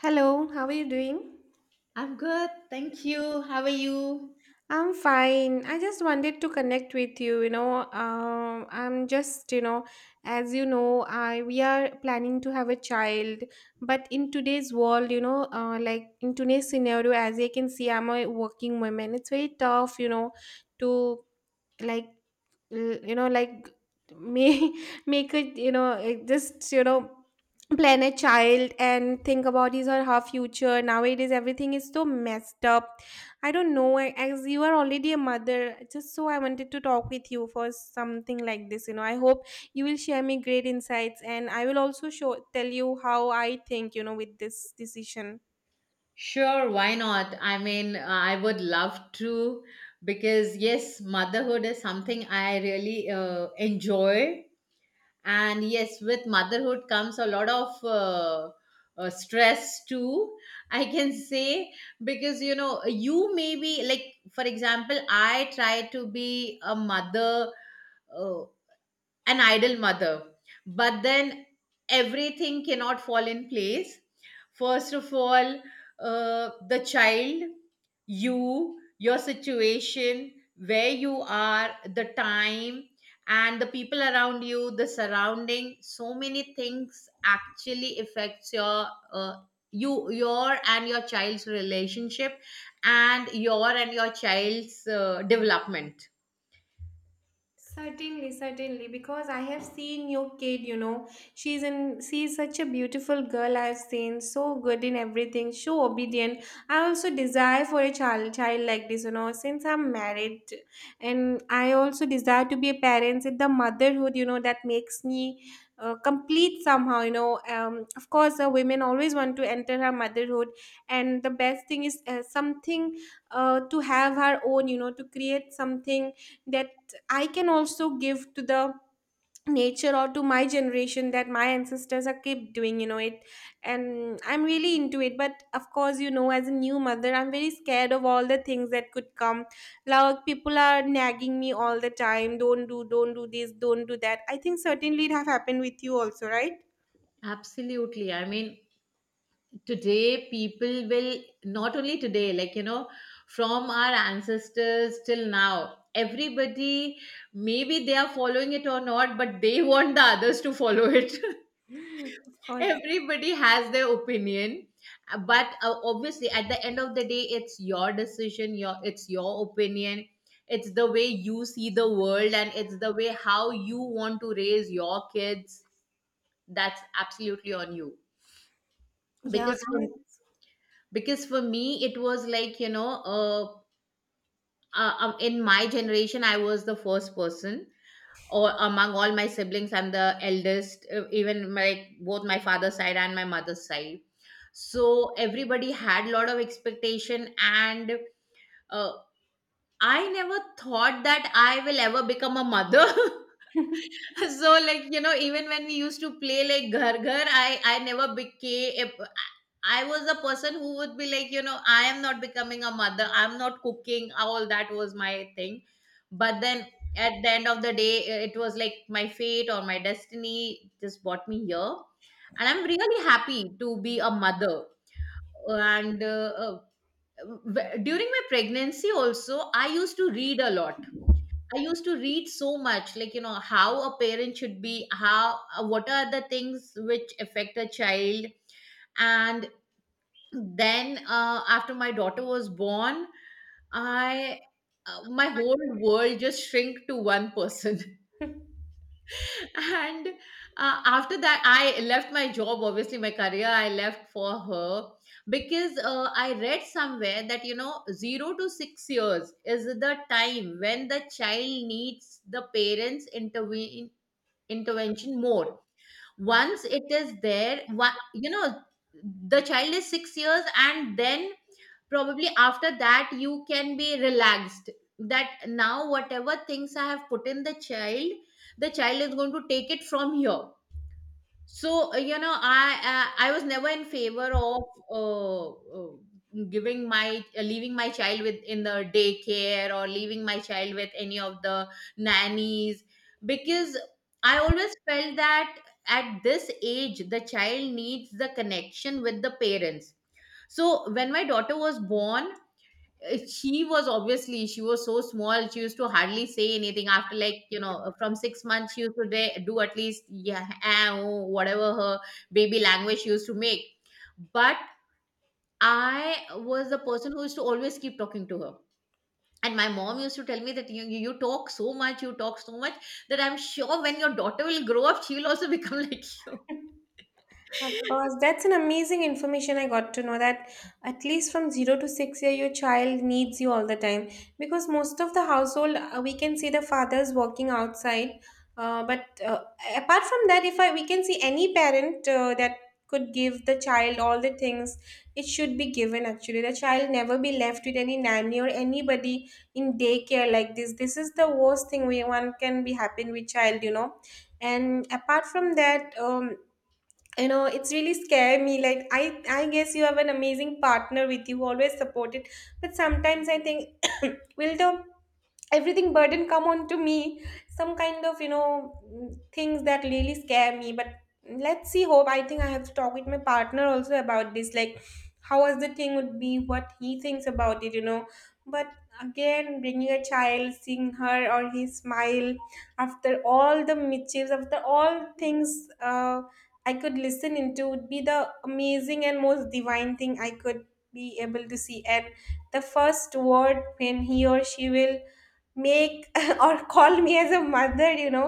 Hello, how are you doing? I'm good, thank you. How are you? I'm fine. I just wanted to connect with you. I'm just, as you know, I we are planning to have a child, but in today's world, like in today's scenario, as you can see, I'm a working woman. It's very tough, to like l- you know like may make it you know it just you know Plan a child and think about his or her future. Nowadays everything is so messed up. I don't know. As you are already a mother, just so I wanted to talk with you for something like this, I hope you will share me great insights and I will also show tell you how I think, with this decision. Sure, why not? I mean, I would love to because yes, motherhood is something I really enjoy. And yes, with motherhood comes a lot of stress too, I can say, because you know, you may be like, for example, I try to be a mother. Uh, an idle mother. But then everything cannot fall in place. First of all, the child, you, your situation, where you are, the time, and the people around you, the surrounding. So many things actually affects your uh, you your and your child's relationship and your child's development Certainly, certainly, because I have seen your kid, you know, she's such a beautiful girl. I've seen so good in everything, so obedient. I also desire for a child like this, you know, since I'm married, and I also desire to be a parent. It's the motherhood, you know, that makes me complete somehow, you know. Of course, a women always want to enter her motherhood, and the best thing is something to have her own, you know, to create something that I can also give to the nature, or to my generation that my ancestors are kept doing, you know, it. And I'm really into it. But of course, you know, as a new mother, I'm very scared of all the things that could come. Like people are nagging me all the time. Don't do this, don't do that. I think certainly it have happened with you also, right? absolutely, I mean today people will not only today, like, you know, from our ancestors till now everybody, maybe they are following it or not, but they want the others to follow it. Of course. Everybody has their opinion. But obviously at the end of the day it's your decision, your, it's your opinion, it's the way you see the world, and it's the way how you want to raise your kids. That's absolutely on you. Yeah. Because for because for me it was like, you know, in my generation I was the first person, or among all my siblings I'm the eldest, even like both my father's side and my mother's side. So everybody had lot of expectation and uh, I never thought that I will ever become a mother. I'm- So, like, you know, even when we used to play like ghar ghar, I never became a- I was a person who would be like, you know, I am not becoming a mother, I'm not cooking, all that was my thing. But then at the end of the day, it was like my fate or my destiny just brought me here, and I'm really happy to be a mother. And during my pregnancy also I used to read a lot. I used to read so much, like, you know, how a parent should be, how, what are the things which affect a child. And then after my daughter was born, I, my whole world just shrink to one person. And after that I left my job, obviously my career I left for her, because I read somewhere that, you know, 0 to 6 years is the time when the child needs the parents intervene intervention more. Once it is there, what, you know, the child is 6 years, and then probably after that you can be relaxed, that now whatever things I have put in the child, the child is going to take it from here. So you know, I was never in favor of uh, uh, giving my, leaving my child with in the daycare, or leaving my child with any of the nannies, because I always felt that at this age the child needs the connection with the parents. So when my daughter was born, she was, obviously she was so small, she used to hardly say anything. After, like, you know, from 6 months she used to do at least yeah, ah, oh, whatever her baby language she used to make. But I was the person who used to always keep talking to her, and my mom used to tell me that you talk so much, you talk so much that I'm sure when your daughter will grow up she will also become like you. Of course, that's an amazing information I got to know that at least from 0 to 6 year your child needs you all the time, because most of the household we can see the fathers working outside. But apart from that, if I we can see any parent that could give the child all the things it should be given, actually the child never be left with any nanny or anybody in daycare like this. This is the worst thing we one can be happen with child, you know. And apart from that, you know, it's really scare me. Like I guess you have an amazing partner with you who always supported, but sometimes I think will the everything burden come on to me. Some kind of, you know, things that really scare me. But let's see, hope, I think I have to talk with my partner also about this, like how was the thing would be, what he thinks about it, you know. But again, bringing a child, seeing her or his smile after all the mischiefs, after all things, I could listen into, would be the amazing and most divine thing I could be able to see. And the first word when he or she will make or call me as a mother, you know,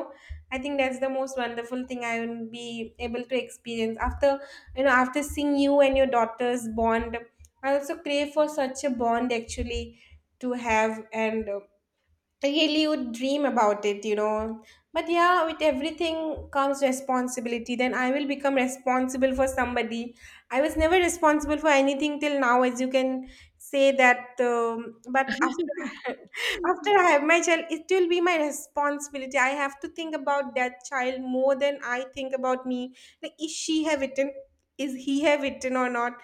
I think that's the most wonderful thing I will be able to experience. After, you know, after seeing you and your daughter's bond, I also crave for such a bond actually to have. And really would dream about it, you know. But yeah, with everything comes responsibility, then I will become responsible for somebody. I was never responsible for anything till now, as you can say that. But after after I have my child, it will be my responsibility. I have to think about that child more than I think about me. Like, is he have eaten or not.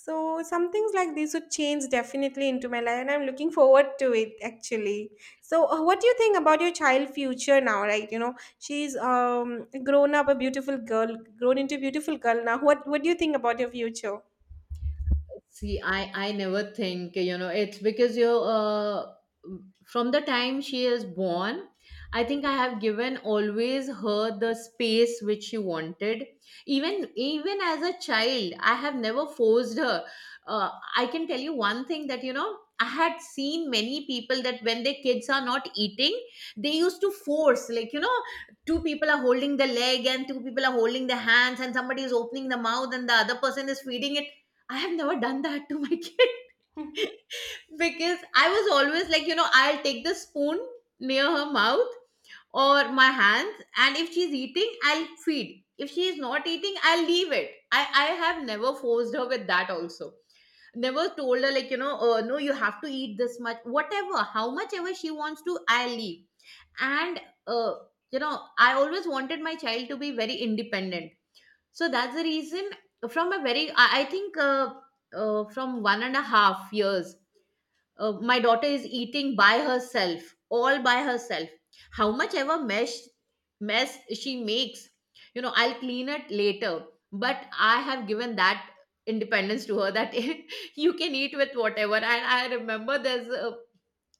So some things like this would change definitely into my life, and I'm looking forward to it actually. So, what do you think about your child future now? Right, you know, she's grown into a beautiful girl now. What do you think about your future? See, I never think, you know, it's because you're from the time she is born, I think I have given always her the space which she wanted. Even as a child, I have never forced her. Uh, I can tell you one thing that, you know, I had seen many people that when their kids are not eating, they used to force, like, you know, two people are holding the leg and two people are holding the hands, and somebody is opening the mouth, and the other person is feeding it. I have never done that to my kid, because I was always like, you know, I'll take the spoon near her mouth or my hands, and if she's eating, I'll feed. If she's not eating, I'll leave it. I have never forced her with that also. Never told her, like, you know, no, you have to eat this much, whatever, how much ever she wants to, I'll leave. And, uh, you know, I always wanted my child to be very independent. So that's the reason, from a very I think from 1.5 years my daughter is eating by herself, all by herself. How much ever mesh mess she makes, you know, I'll clean it later. But I have given that independence to her, that you can eat with whatever. And I remember there's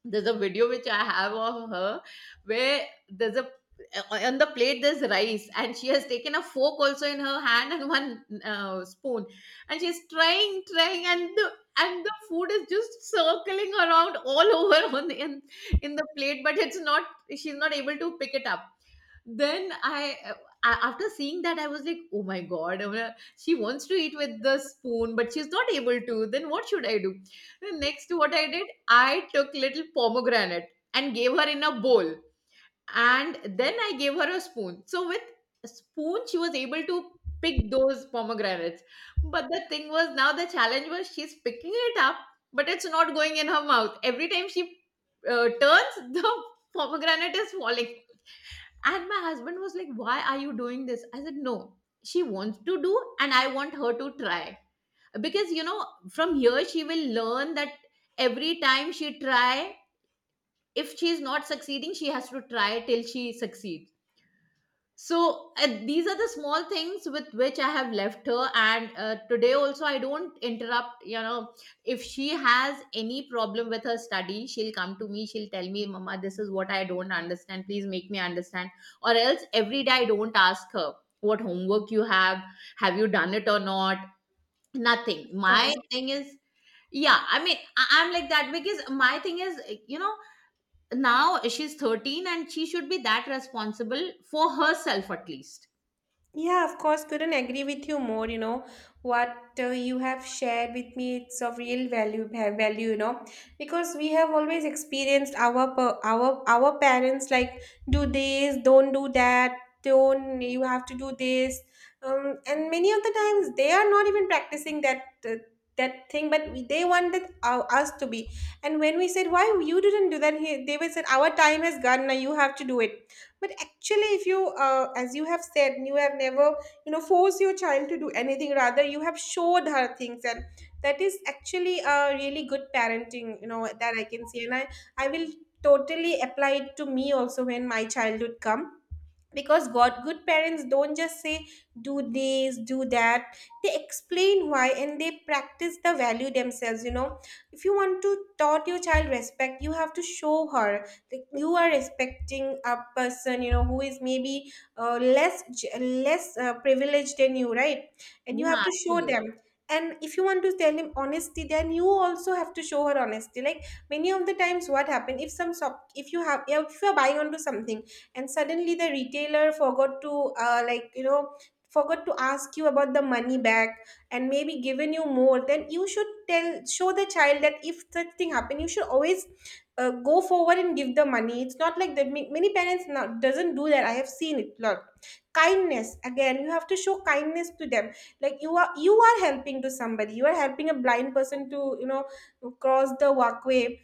there's a video which I have of her, where there's a uh, on the plate there's rice, and she has taken a fork also in her hand and one spoon, and she's trying, and the, and the food is just circling around all over on the, in the plate, but it's not, she's not able to pick it up. Then I, after seeing that I was like, oh my god, I'm gonna- she wants to eat with the spoon, but she's not able to. Then what should I do? Then next, what I did, I took little pomegranate and gave her in a bowl, and then I gave her a spoon. So with a spoon, she was able to pick those pomegranates. But the thing was, now the challenge was she's picking it up, but it's not going in her mouth. Every time she turns, the pomegranate is falling. And my husband was like, "Why are you doing this?" I said, "No, she wants to do, and I want her to try." Because you know, from here she will learn that every time she try, if she is not succeeding she has to try till she succeeds. So these are the small things with which I have left her, and today also I don't interrupt, you know. If she has any problem with her study she'll come to me, she'll tell me, mama, this is what I don't understand, please make me understand. Or else every day I don't ask her what homework you have you done it or not, nothing. Of My course. thing is, yeah, I mean, I'm like that, because my thing is, you know, now she's 13 and she should be that responsible for herself at least. Yeah, of course, couldn't agree with you more. You know, what you have shared with me, it's of real value, you know, because we have always experienced our pa- our parents like do this, don't do that, don't you have to do this, and many of the times they are not even practicing uh, that thing, but they wanted us to be. And when we said, "Why you didn't do that?" They would said, "Our time has gone. Now you have to do it." But actually if you as you have said, you have never, you know, forced your child to do anything, rather you have showed her things. And that is actually a really good parenting, you know, that I can see. And I will totally apply it to me also when my childhood come. Because god good parents don't just say do this, do that. They explain why, and they practice the value themselves, you know. If you want to taught your child respect, you have to show her that you are respecting a person, you know, who is maybe less j- less privileged than you, right? And you have Yeah, to show absolutely. them. And if you want to tell him honesty, then you also have to show her honesty. Like, many of the times what happen, if some shop, if you have, if you are buying onto something, and suddenly the retailer forgot to, forgot to ask you about the money back, and maybe given you more, then you should tell show the child that if such thing happen, you should always go forward and give the money. It's not like that. Many parents now doesn't do that, I have seen it lot. Kindness, again, you have to show kindness to them. Like, you are helping to somebody, you are helping a blind person to, you know, cross the walkway.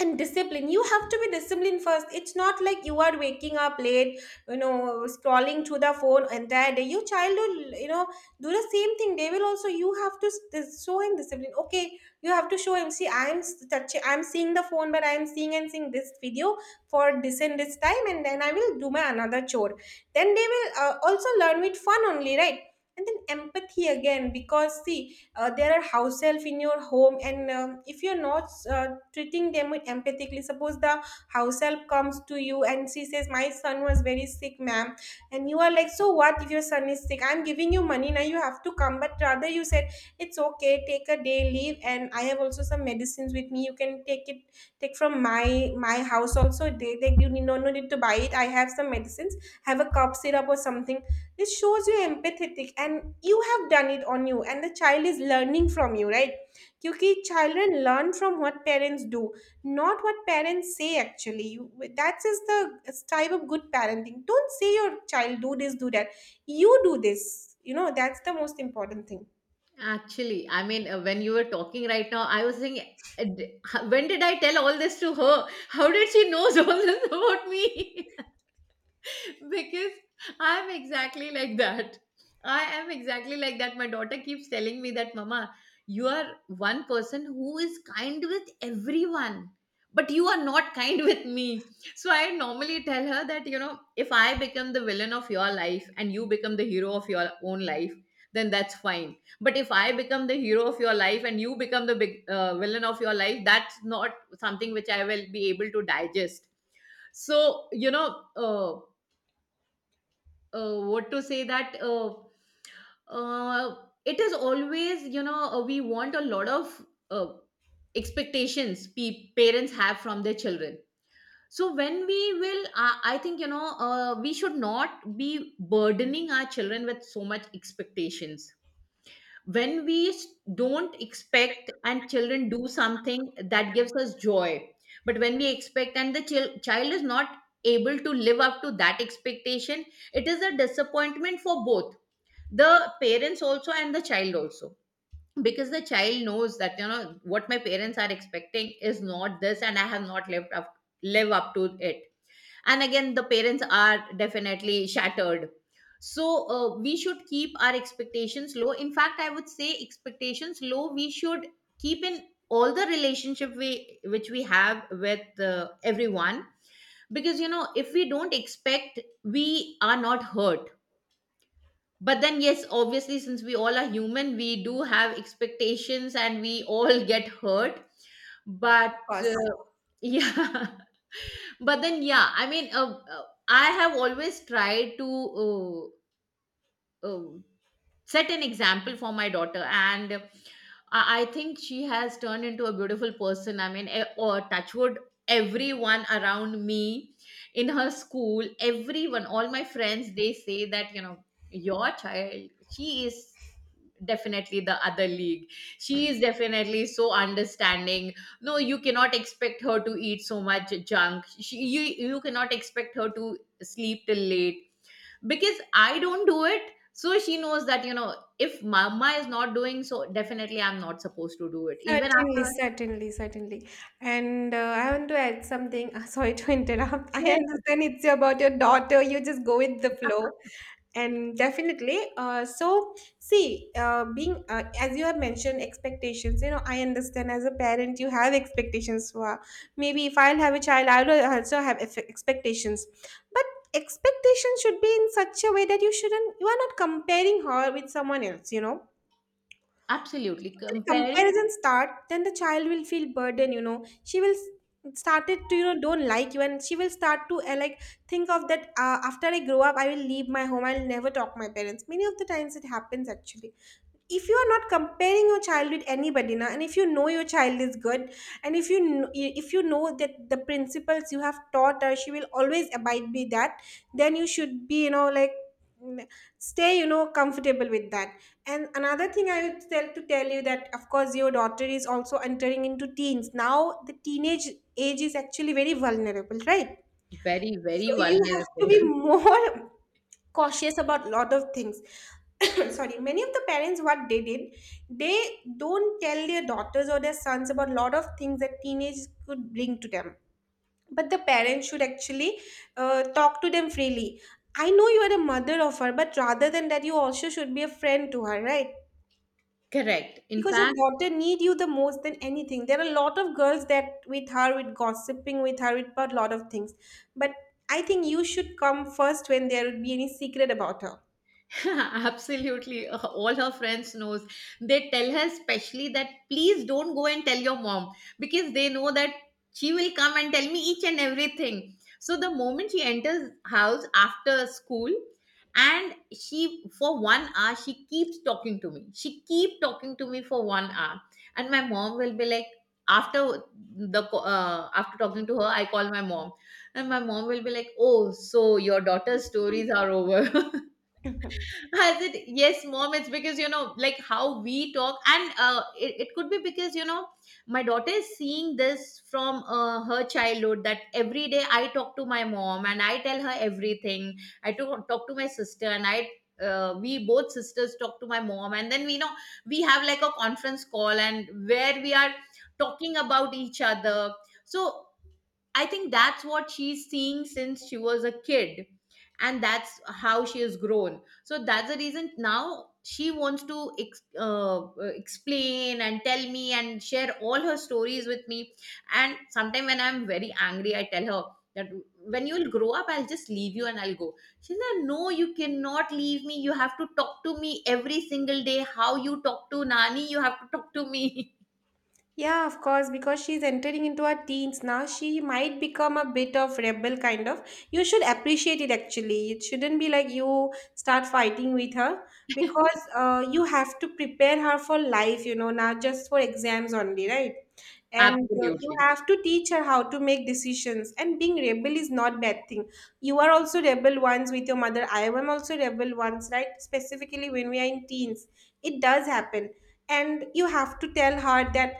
And discipline, you have to be disciplined first. It's not like you are waking up late, you know, scrolling through the phone entire day, your child will, you know, do the same thing. They will also. You have to show him discipline, okay? You have to show him, see, I'm touching, I'm seeing the phone, but I'm seeing this video for this and this time, and then I will do my another chore. Then they will also learn with fun only, right? And then empathy, again, because see, there are house help in your home. And if you're not treating them with empathically, suppose the house help comes to you and she says, "My son was very sick, ma'am." And you are like, "So what if your son is sick? I'm giving you money, now you have to come." But rather you said, "It's okay, take a day leave, and I have also some medicines with me, you can take it. Take from my house also. They you need no need to buy it. I have some medicines, have a cough syrup or something." This shows you're empathetic, and you have done it on you, and the child is learning from you, right? Because children learn from what parents do, not what parents say, actually. That is the type of good parenting. Don't say your child, do this, do that. You do this. You know, that's the most important thing. Actually, I mean, when you were talking right now, I was thinking, when did I tell all this to her? How did she knows all this about me? Because I'm exactly like that. I am exactly like that. My daughter keeps telling me that, mama, you are one person who is kind with everyone, but you are not kind with me. So I normally tell her that, you know, if I become the villain of your life and you become the hero of your own life, then that's fine. But if I become the hero of your life and you become the big villain of your life, that's not something which I will be able to digest. So you know, what to say that, uh, it is always, you know, we want a lot of uh, expectations, parents have from their children. So when we will, I think, you know, we should not be burdening our children with so much expectations. When we, don't expect and children do something, that gives us joy. But when we expect and the child is not able to live up to that expectation, it is a disappointment for both, the parents also and the child also, because the child knows that, you know what, my parents are expecting is not this and I have not live up to it. And again the parents are definitely shattered. So we should keep our expectations low. In fact, I would say expectations low we should keep in all the relationship we which we have with everyone. Because you know, if we don't expect, we are not hurt. But then yes, obviously since we all are human, we do have expectations, and we all get hurt. Of But course. uh, yeah. But then yeah, I mean, I have always tried to uh, uh, set an example for my daughter, and I think she has turned into a beautiful person, I mean, or touchwood, everyone around me, in her school, everyone, all my friends, they say that, you know, your child, she is definitely the other league. She is definitely so understanding. No, you cannot expect her to eat so much junk. She, you you cannot expect her to sleep till late because I don't do it, so she knows that if Mama is not doing, so definitely I'm not supposed to do it even Certainly, after. certainly, certainly. And I want to add something. Sorry to interrupt. I Yes. understand it's about your daughter. You just go with the flow. And definitely, so see being as you have mentioned expectations, you know, I understand as a parent you have expectations for, maybe if I'll have a child I'll also have expectations. But expectations should be in such a way that you are not comparing her with someone else, you know. Absolutely, If the comparing. comparison start, then the child will feel burden, you know. She will started to, you know, don't like you, and she will start to think of that, after I grow up, I will leave my home. I'll never talk to my parents. Many of the times it happens actually. If you are not comparing your child with anybody now, and if you know your child is good, and if if you know that the principles you have taught her, she will always abide by that, then you should be, you know, like, mm, stay, you know, comfortable with that. And another thing I would tell you, that of course your daughter is also entering into teens now. The teenage age is actually very vulnerable, right? Very, So very you have to vulnerable. be more cautious about lot of things. Sorry, many of the parents, what they did, they don't tell their daughters or their sons about lot of things that teenagers could bring to them. But the parents should actually talk to them freely. I know you are a mother of her, but rather than that, you also should be a friend to her, right? correct, in Because your fact. daughter need you the most than anything. There are a lot of girls that with her, with gossiping with her, with a lot of things, but I think you should come first when there would be any secret about her. Absolutely. All her friends knows. They tell her specially that please don't go and tell your mom, because they know that she will come and tell me each and everything. So the moment she enters house after school, and she for 1 hour she keeps talking to me. She keep talking to me for 1 hour. And my mom will be like, after after talking to her I call my mom, and my mom will be like, oh, so your daughter's stories are over. I said, yes, mom. It's because, you know, like how we talk, and it could be because, you know, my daughter is seeing this from her childhood. That every day I talk to my mom and I tell her everything. I talk to my sister and I. We both sisters talk to my mom, and then we know we have like a conference call and where we are talking about each other. So I think that's what she's seeing since she was a kid, and that's how she has grown. So that's the reason now she wants to explain and tell me and share all her stories with me. And sometimes when I'm very angry, I tell her that when you'll grow up, I'll just leave you and I'll go. She's like, no, you cannot leave me. You have to talk to me every single day. How you talk to Nani, you have to talk to me. Yeah, of course, because she's entering into her teens now, she might become a bit of rebel kind of. You should appreciate it actually. It shouldn't be like you start fighting with her, because you have to prepare her for life, you know, not just for exams only, right? And you Absolutely. have to teach her how to make decisions, and being rebel is not bad thing. You are also rebel once with your mother, I am also rebel once, right? Specifically when we are in teens, it does happen. And you have to tell her that,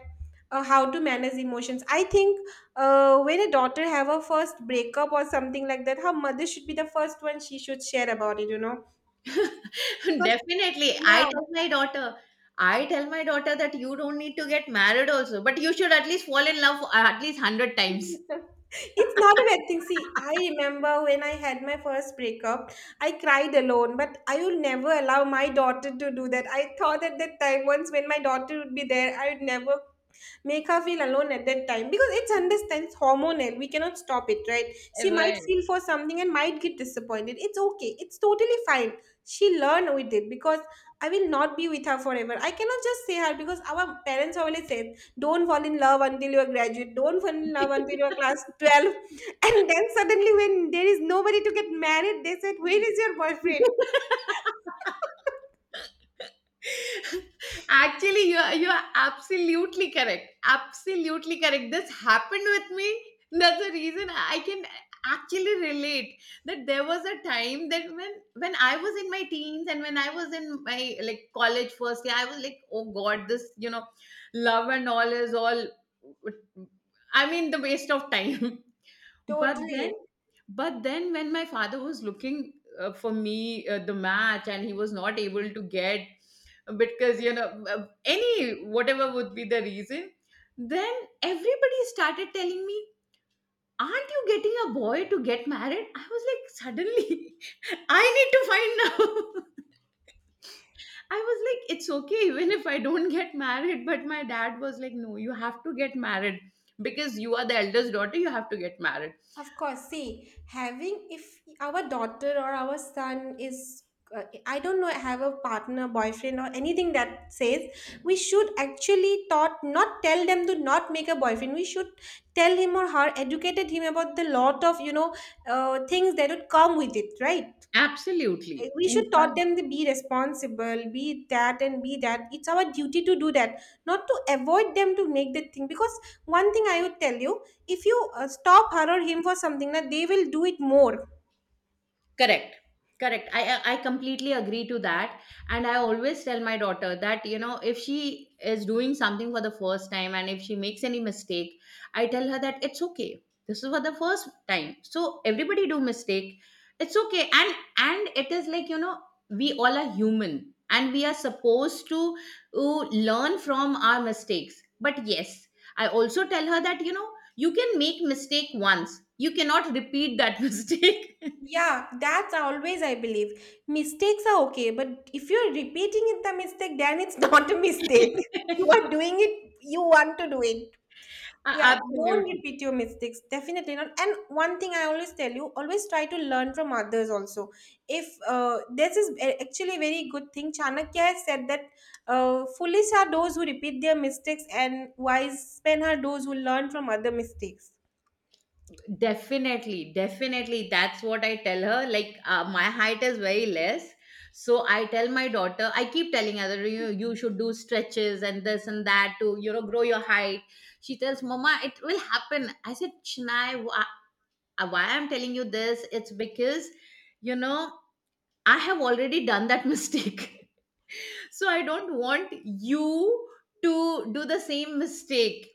how to manage emotions, I think. When a daughter have a first breakup or something like that, her mother should be the first one she should share about it, you know, because, Definitely. yeah. I tell my daughter, I tell my daughter that you don't need to get married also, but you should at least fall in love at least 100 times. It's not a bad thing. See, I remember when I had my first breakup, I cried alone, but I will never allow my daughter to do that. I thought at that time, once when my daughter would be there, I would never make her feel alone at that time, because it's understand, it's hormonal, we cannot stop it, right? She might Right. feel for something and might get disappointed. It's okay, it's totally fine. She learn with it, because I will not be with her forever. I cannot just say her, because our parents always said, don't fall in love until you are graduate, don't fall in love until you are class 12. And then suddenly when there is nobody to get married, they said, where is your boyfriend? Actually, you are absolutely correct. Absolutely correct. This happened with me. That's the reason I can actually relate that there was a time that when I was in my teens, and when I was in my like college first year, I was like, oh God, this, you know, love and all is all. I mean, the waste of time. but then Totally. but then when my father was looking for me the match, and he was not able to get, because, you know, any, whatever would be the reason. Then everybody started telling me, aren't you getting a boy to get married. I was like, suddenly I need to find now. I was like, it's okay even if I don't get married. But my dad was like, no, you have to get married, because you are the eldest daughter, you have to get married. Of course, see, having if our daughter or our son is, I don't know, have a partner, boyfriend, or anything that says, we should actually thought not tell them to not make a boyfriend. We should tell him or her, educated him about the lot of, you know, things that would come with it, right? Like, Absolutely. we should In taught fact. them to be responsible, be that and be that. It's our duty to do that, not to avoid them to make the thing. Because one thing I would tell you, if you stop her or him for something, that they will do it more. Correct, correct. I completely agree to that. And I always tell my daughter that, you know, if she is doing something for the first time and if she makes any mistake, I tell her that it's okay, this is for the first time, so everybody do mistake. It's okay. And it is like, you know, we all are human, and we are supposed to learn from our mistakes. But yes, I also tell her that, you know, you can make mistake once, you cannot repeat that mistake. Yeah, that's always I believe, mistakes are okay, but if you're repeating it the mistake, then it's not a mistake, you are doing it, you want to do it. Yeah, A- don't absolutely. repeat your mistakes. Definitely not. And one thing I always tell you, always try to learn from others also. If actually a very good thing, Chanakya has said that foolish are those who repeat their mistakes, and wise men are those who learn from other mistakes. Definitely, definitely. That's what I tell her. Like, my height is very less. So I tell my daughter, I keep telling her, that you should do stretches and this and that to, you know, grow your height. She tells, Mama, it will happen. I said, Chinai, why I'm telling you this? It's because, you know, I have already done that mistake. so I don't want you to do the same mistake,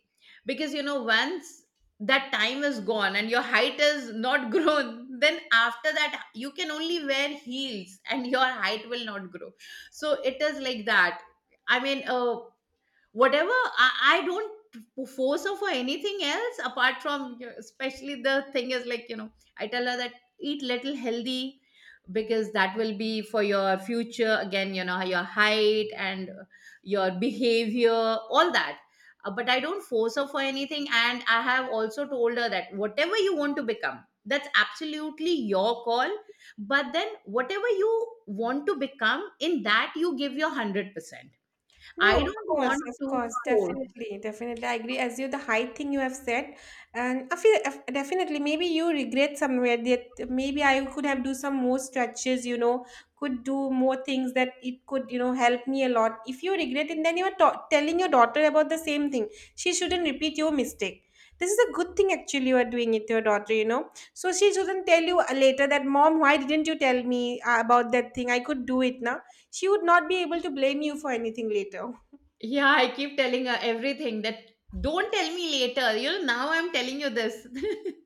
because, you know, once that time is gone and your height is not grown, then after that you can only wear heels and your height will not grow. So it is like that. I mean, whatever I don't force her for anything else apart from, you know, especially the thing is like, you know, I tell her that eat little healthy, because that will be for your future again, you know, your height and your behavior, all that. But I don't force her for anything, and I have also told her that whatever you want to become, that's absolutely your call. But then whatever you want to become, in that you give your 100%. No, I don't want of to course, force. definitely, definitely. I agree as you, the height thing you have said. And I feel definitely, maybe you regret somewhere that maybe I could have do some more stretches, you know, could do more things that it could, you know, help me a lot. If you regret it, then you are telling your daughter about the same thing. She shouldn't repeat your mistake. This is a good thing actually you are doing it to your daughter, you know. So she shouldn't tell you later that, Mom, why didn't you tell me about that thing? I could do it now. She would not be able to blame you for anything later. Yeah, I keep telling her everything that, don't tell me later. You know, now I'm telling you this.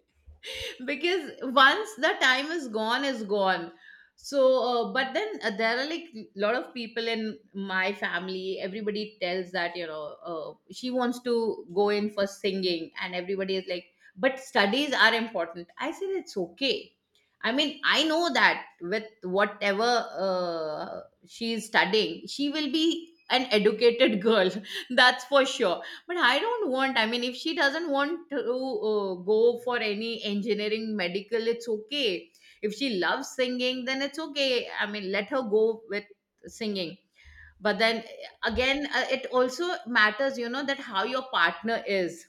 because once the time is gone, is gone. So, but then there are like lot of people in my family, everybody tells that, you know, she wants to go in for singing, and everybody is like, but studies are important. I said, it's okay. I mean, I know that with whatever uh, she is studying, she will be an educated girl. that's for sure. But I don't want, I mean, if she doesn't want to go for any engineering medical, it's okay. If she loves singing, then it's okay. I mean, let her go with singing. But then, again, it also matters, you know, that how your partner is.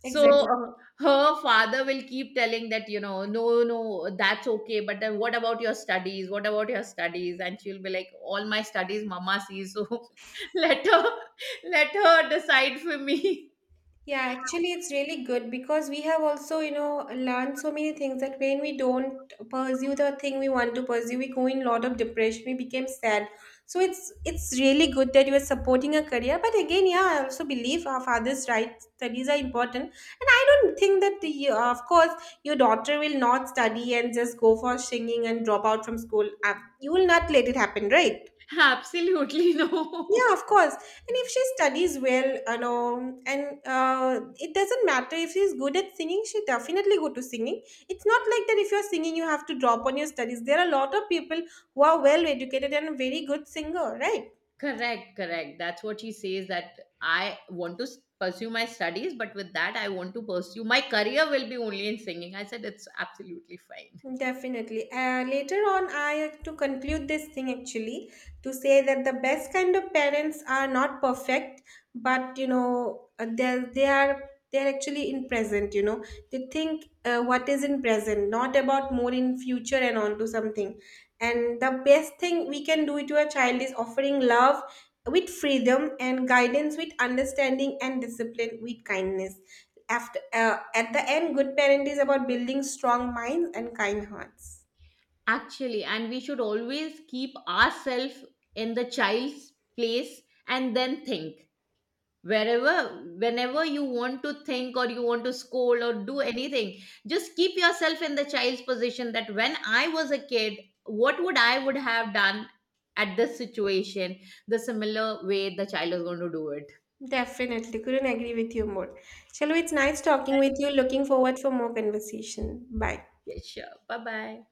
So, Exactly. uh, her father will keep telling that, you know, no, no, that's okay, but then what about your studies, what about your studies, and she'll be like, all my studies Mama sees. So let her let her decide for me. Yeah, actually, it's really good because we have also, you know, learned so many things that when we don't pursue the thing we want to pursue, we go in a lot of depression. We became sad. So it's really good that you are supporting a career. But again, yeah, I also believe our father's right, studies are important, and I don't think that the, of course your daughter will not study and just go for singing and drop out from school. You will not let it happen, right? Absolutely Yeah, no. of course. And if she studies well, you know, and it doesn't matter if she's good at singing, she definitely go to singing. It's not like that if you're singing, you have to drop on your studies. There are a lot of people who are well educated and very good singer, right? Correct, correct. That's what she says, that I want to pursue my studies, but with that, I want to pursue my career will be only in singing. I said, it's absolutely fine. Definitely. Later on, I have to conclude this thing actually, to say that the best kind of parents are not perfect, but you know, they are, they're actually in present, you know, they think what is in present, not about more in future and onto something. And the best thing we can do to a child is offering love with freedom, and guidance with understanding, and discipline with kindness. After at the end, good parent is about building strong minds and kind hearts. Actually, and we should always keep ourselves in the child's place, and then think. Wherever, whenever you want to think or you want to scold or do anything, just keep yourself in the child's position, that when I was a kid, what would I would have done at this situation, the similar way the child is going to do it. Definitely, couldn't agree with you more. Shalom, it's nice talking with Thank you, you. looking forward for more conversation. Bye. Yeah, sure. Bye bye.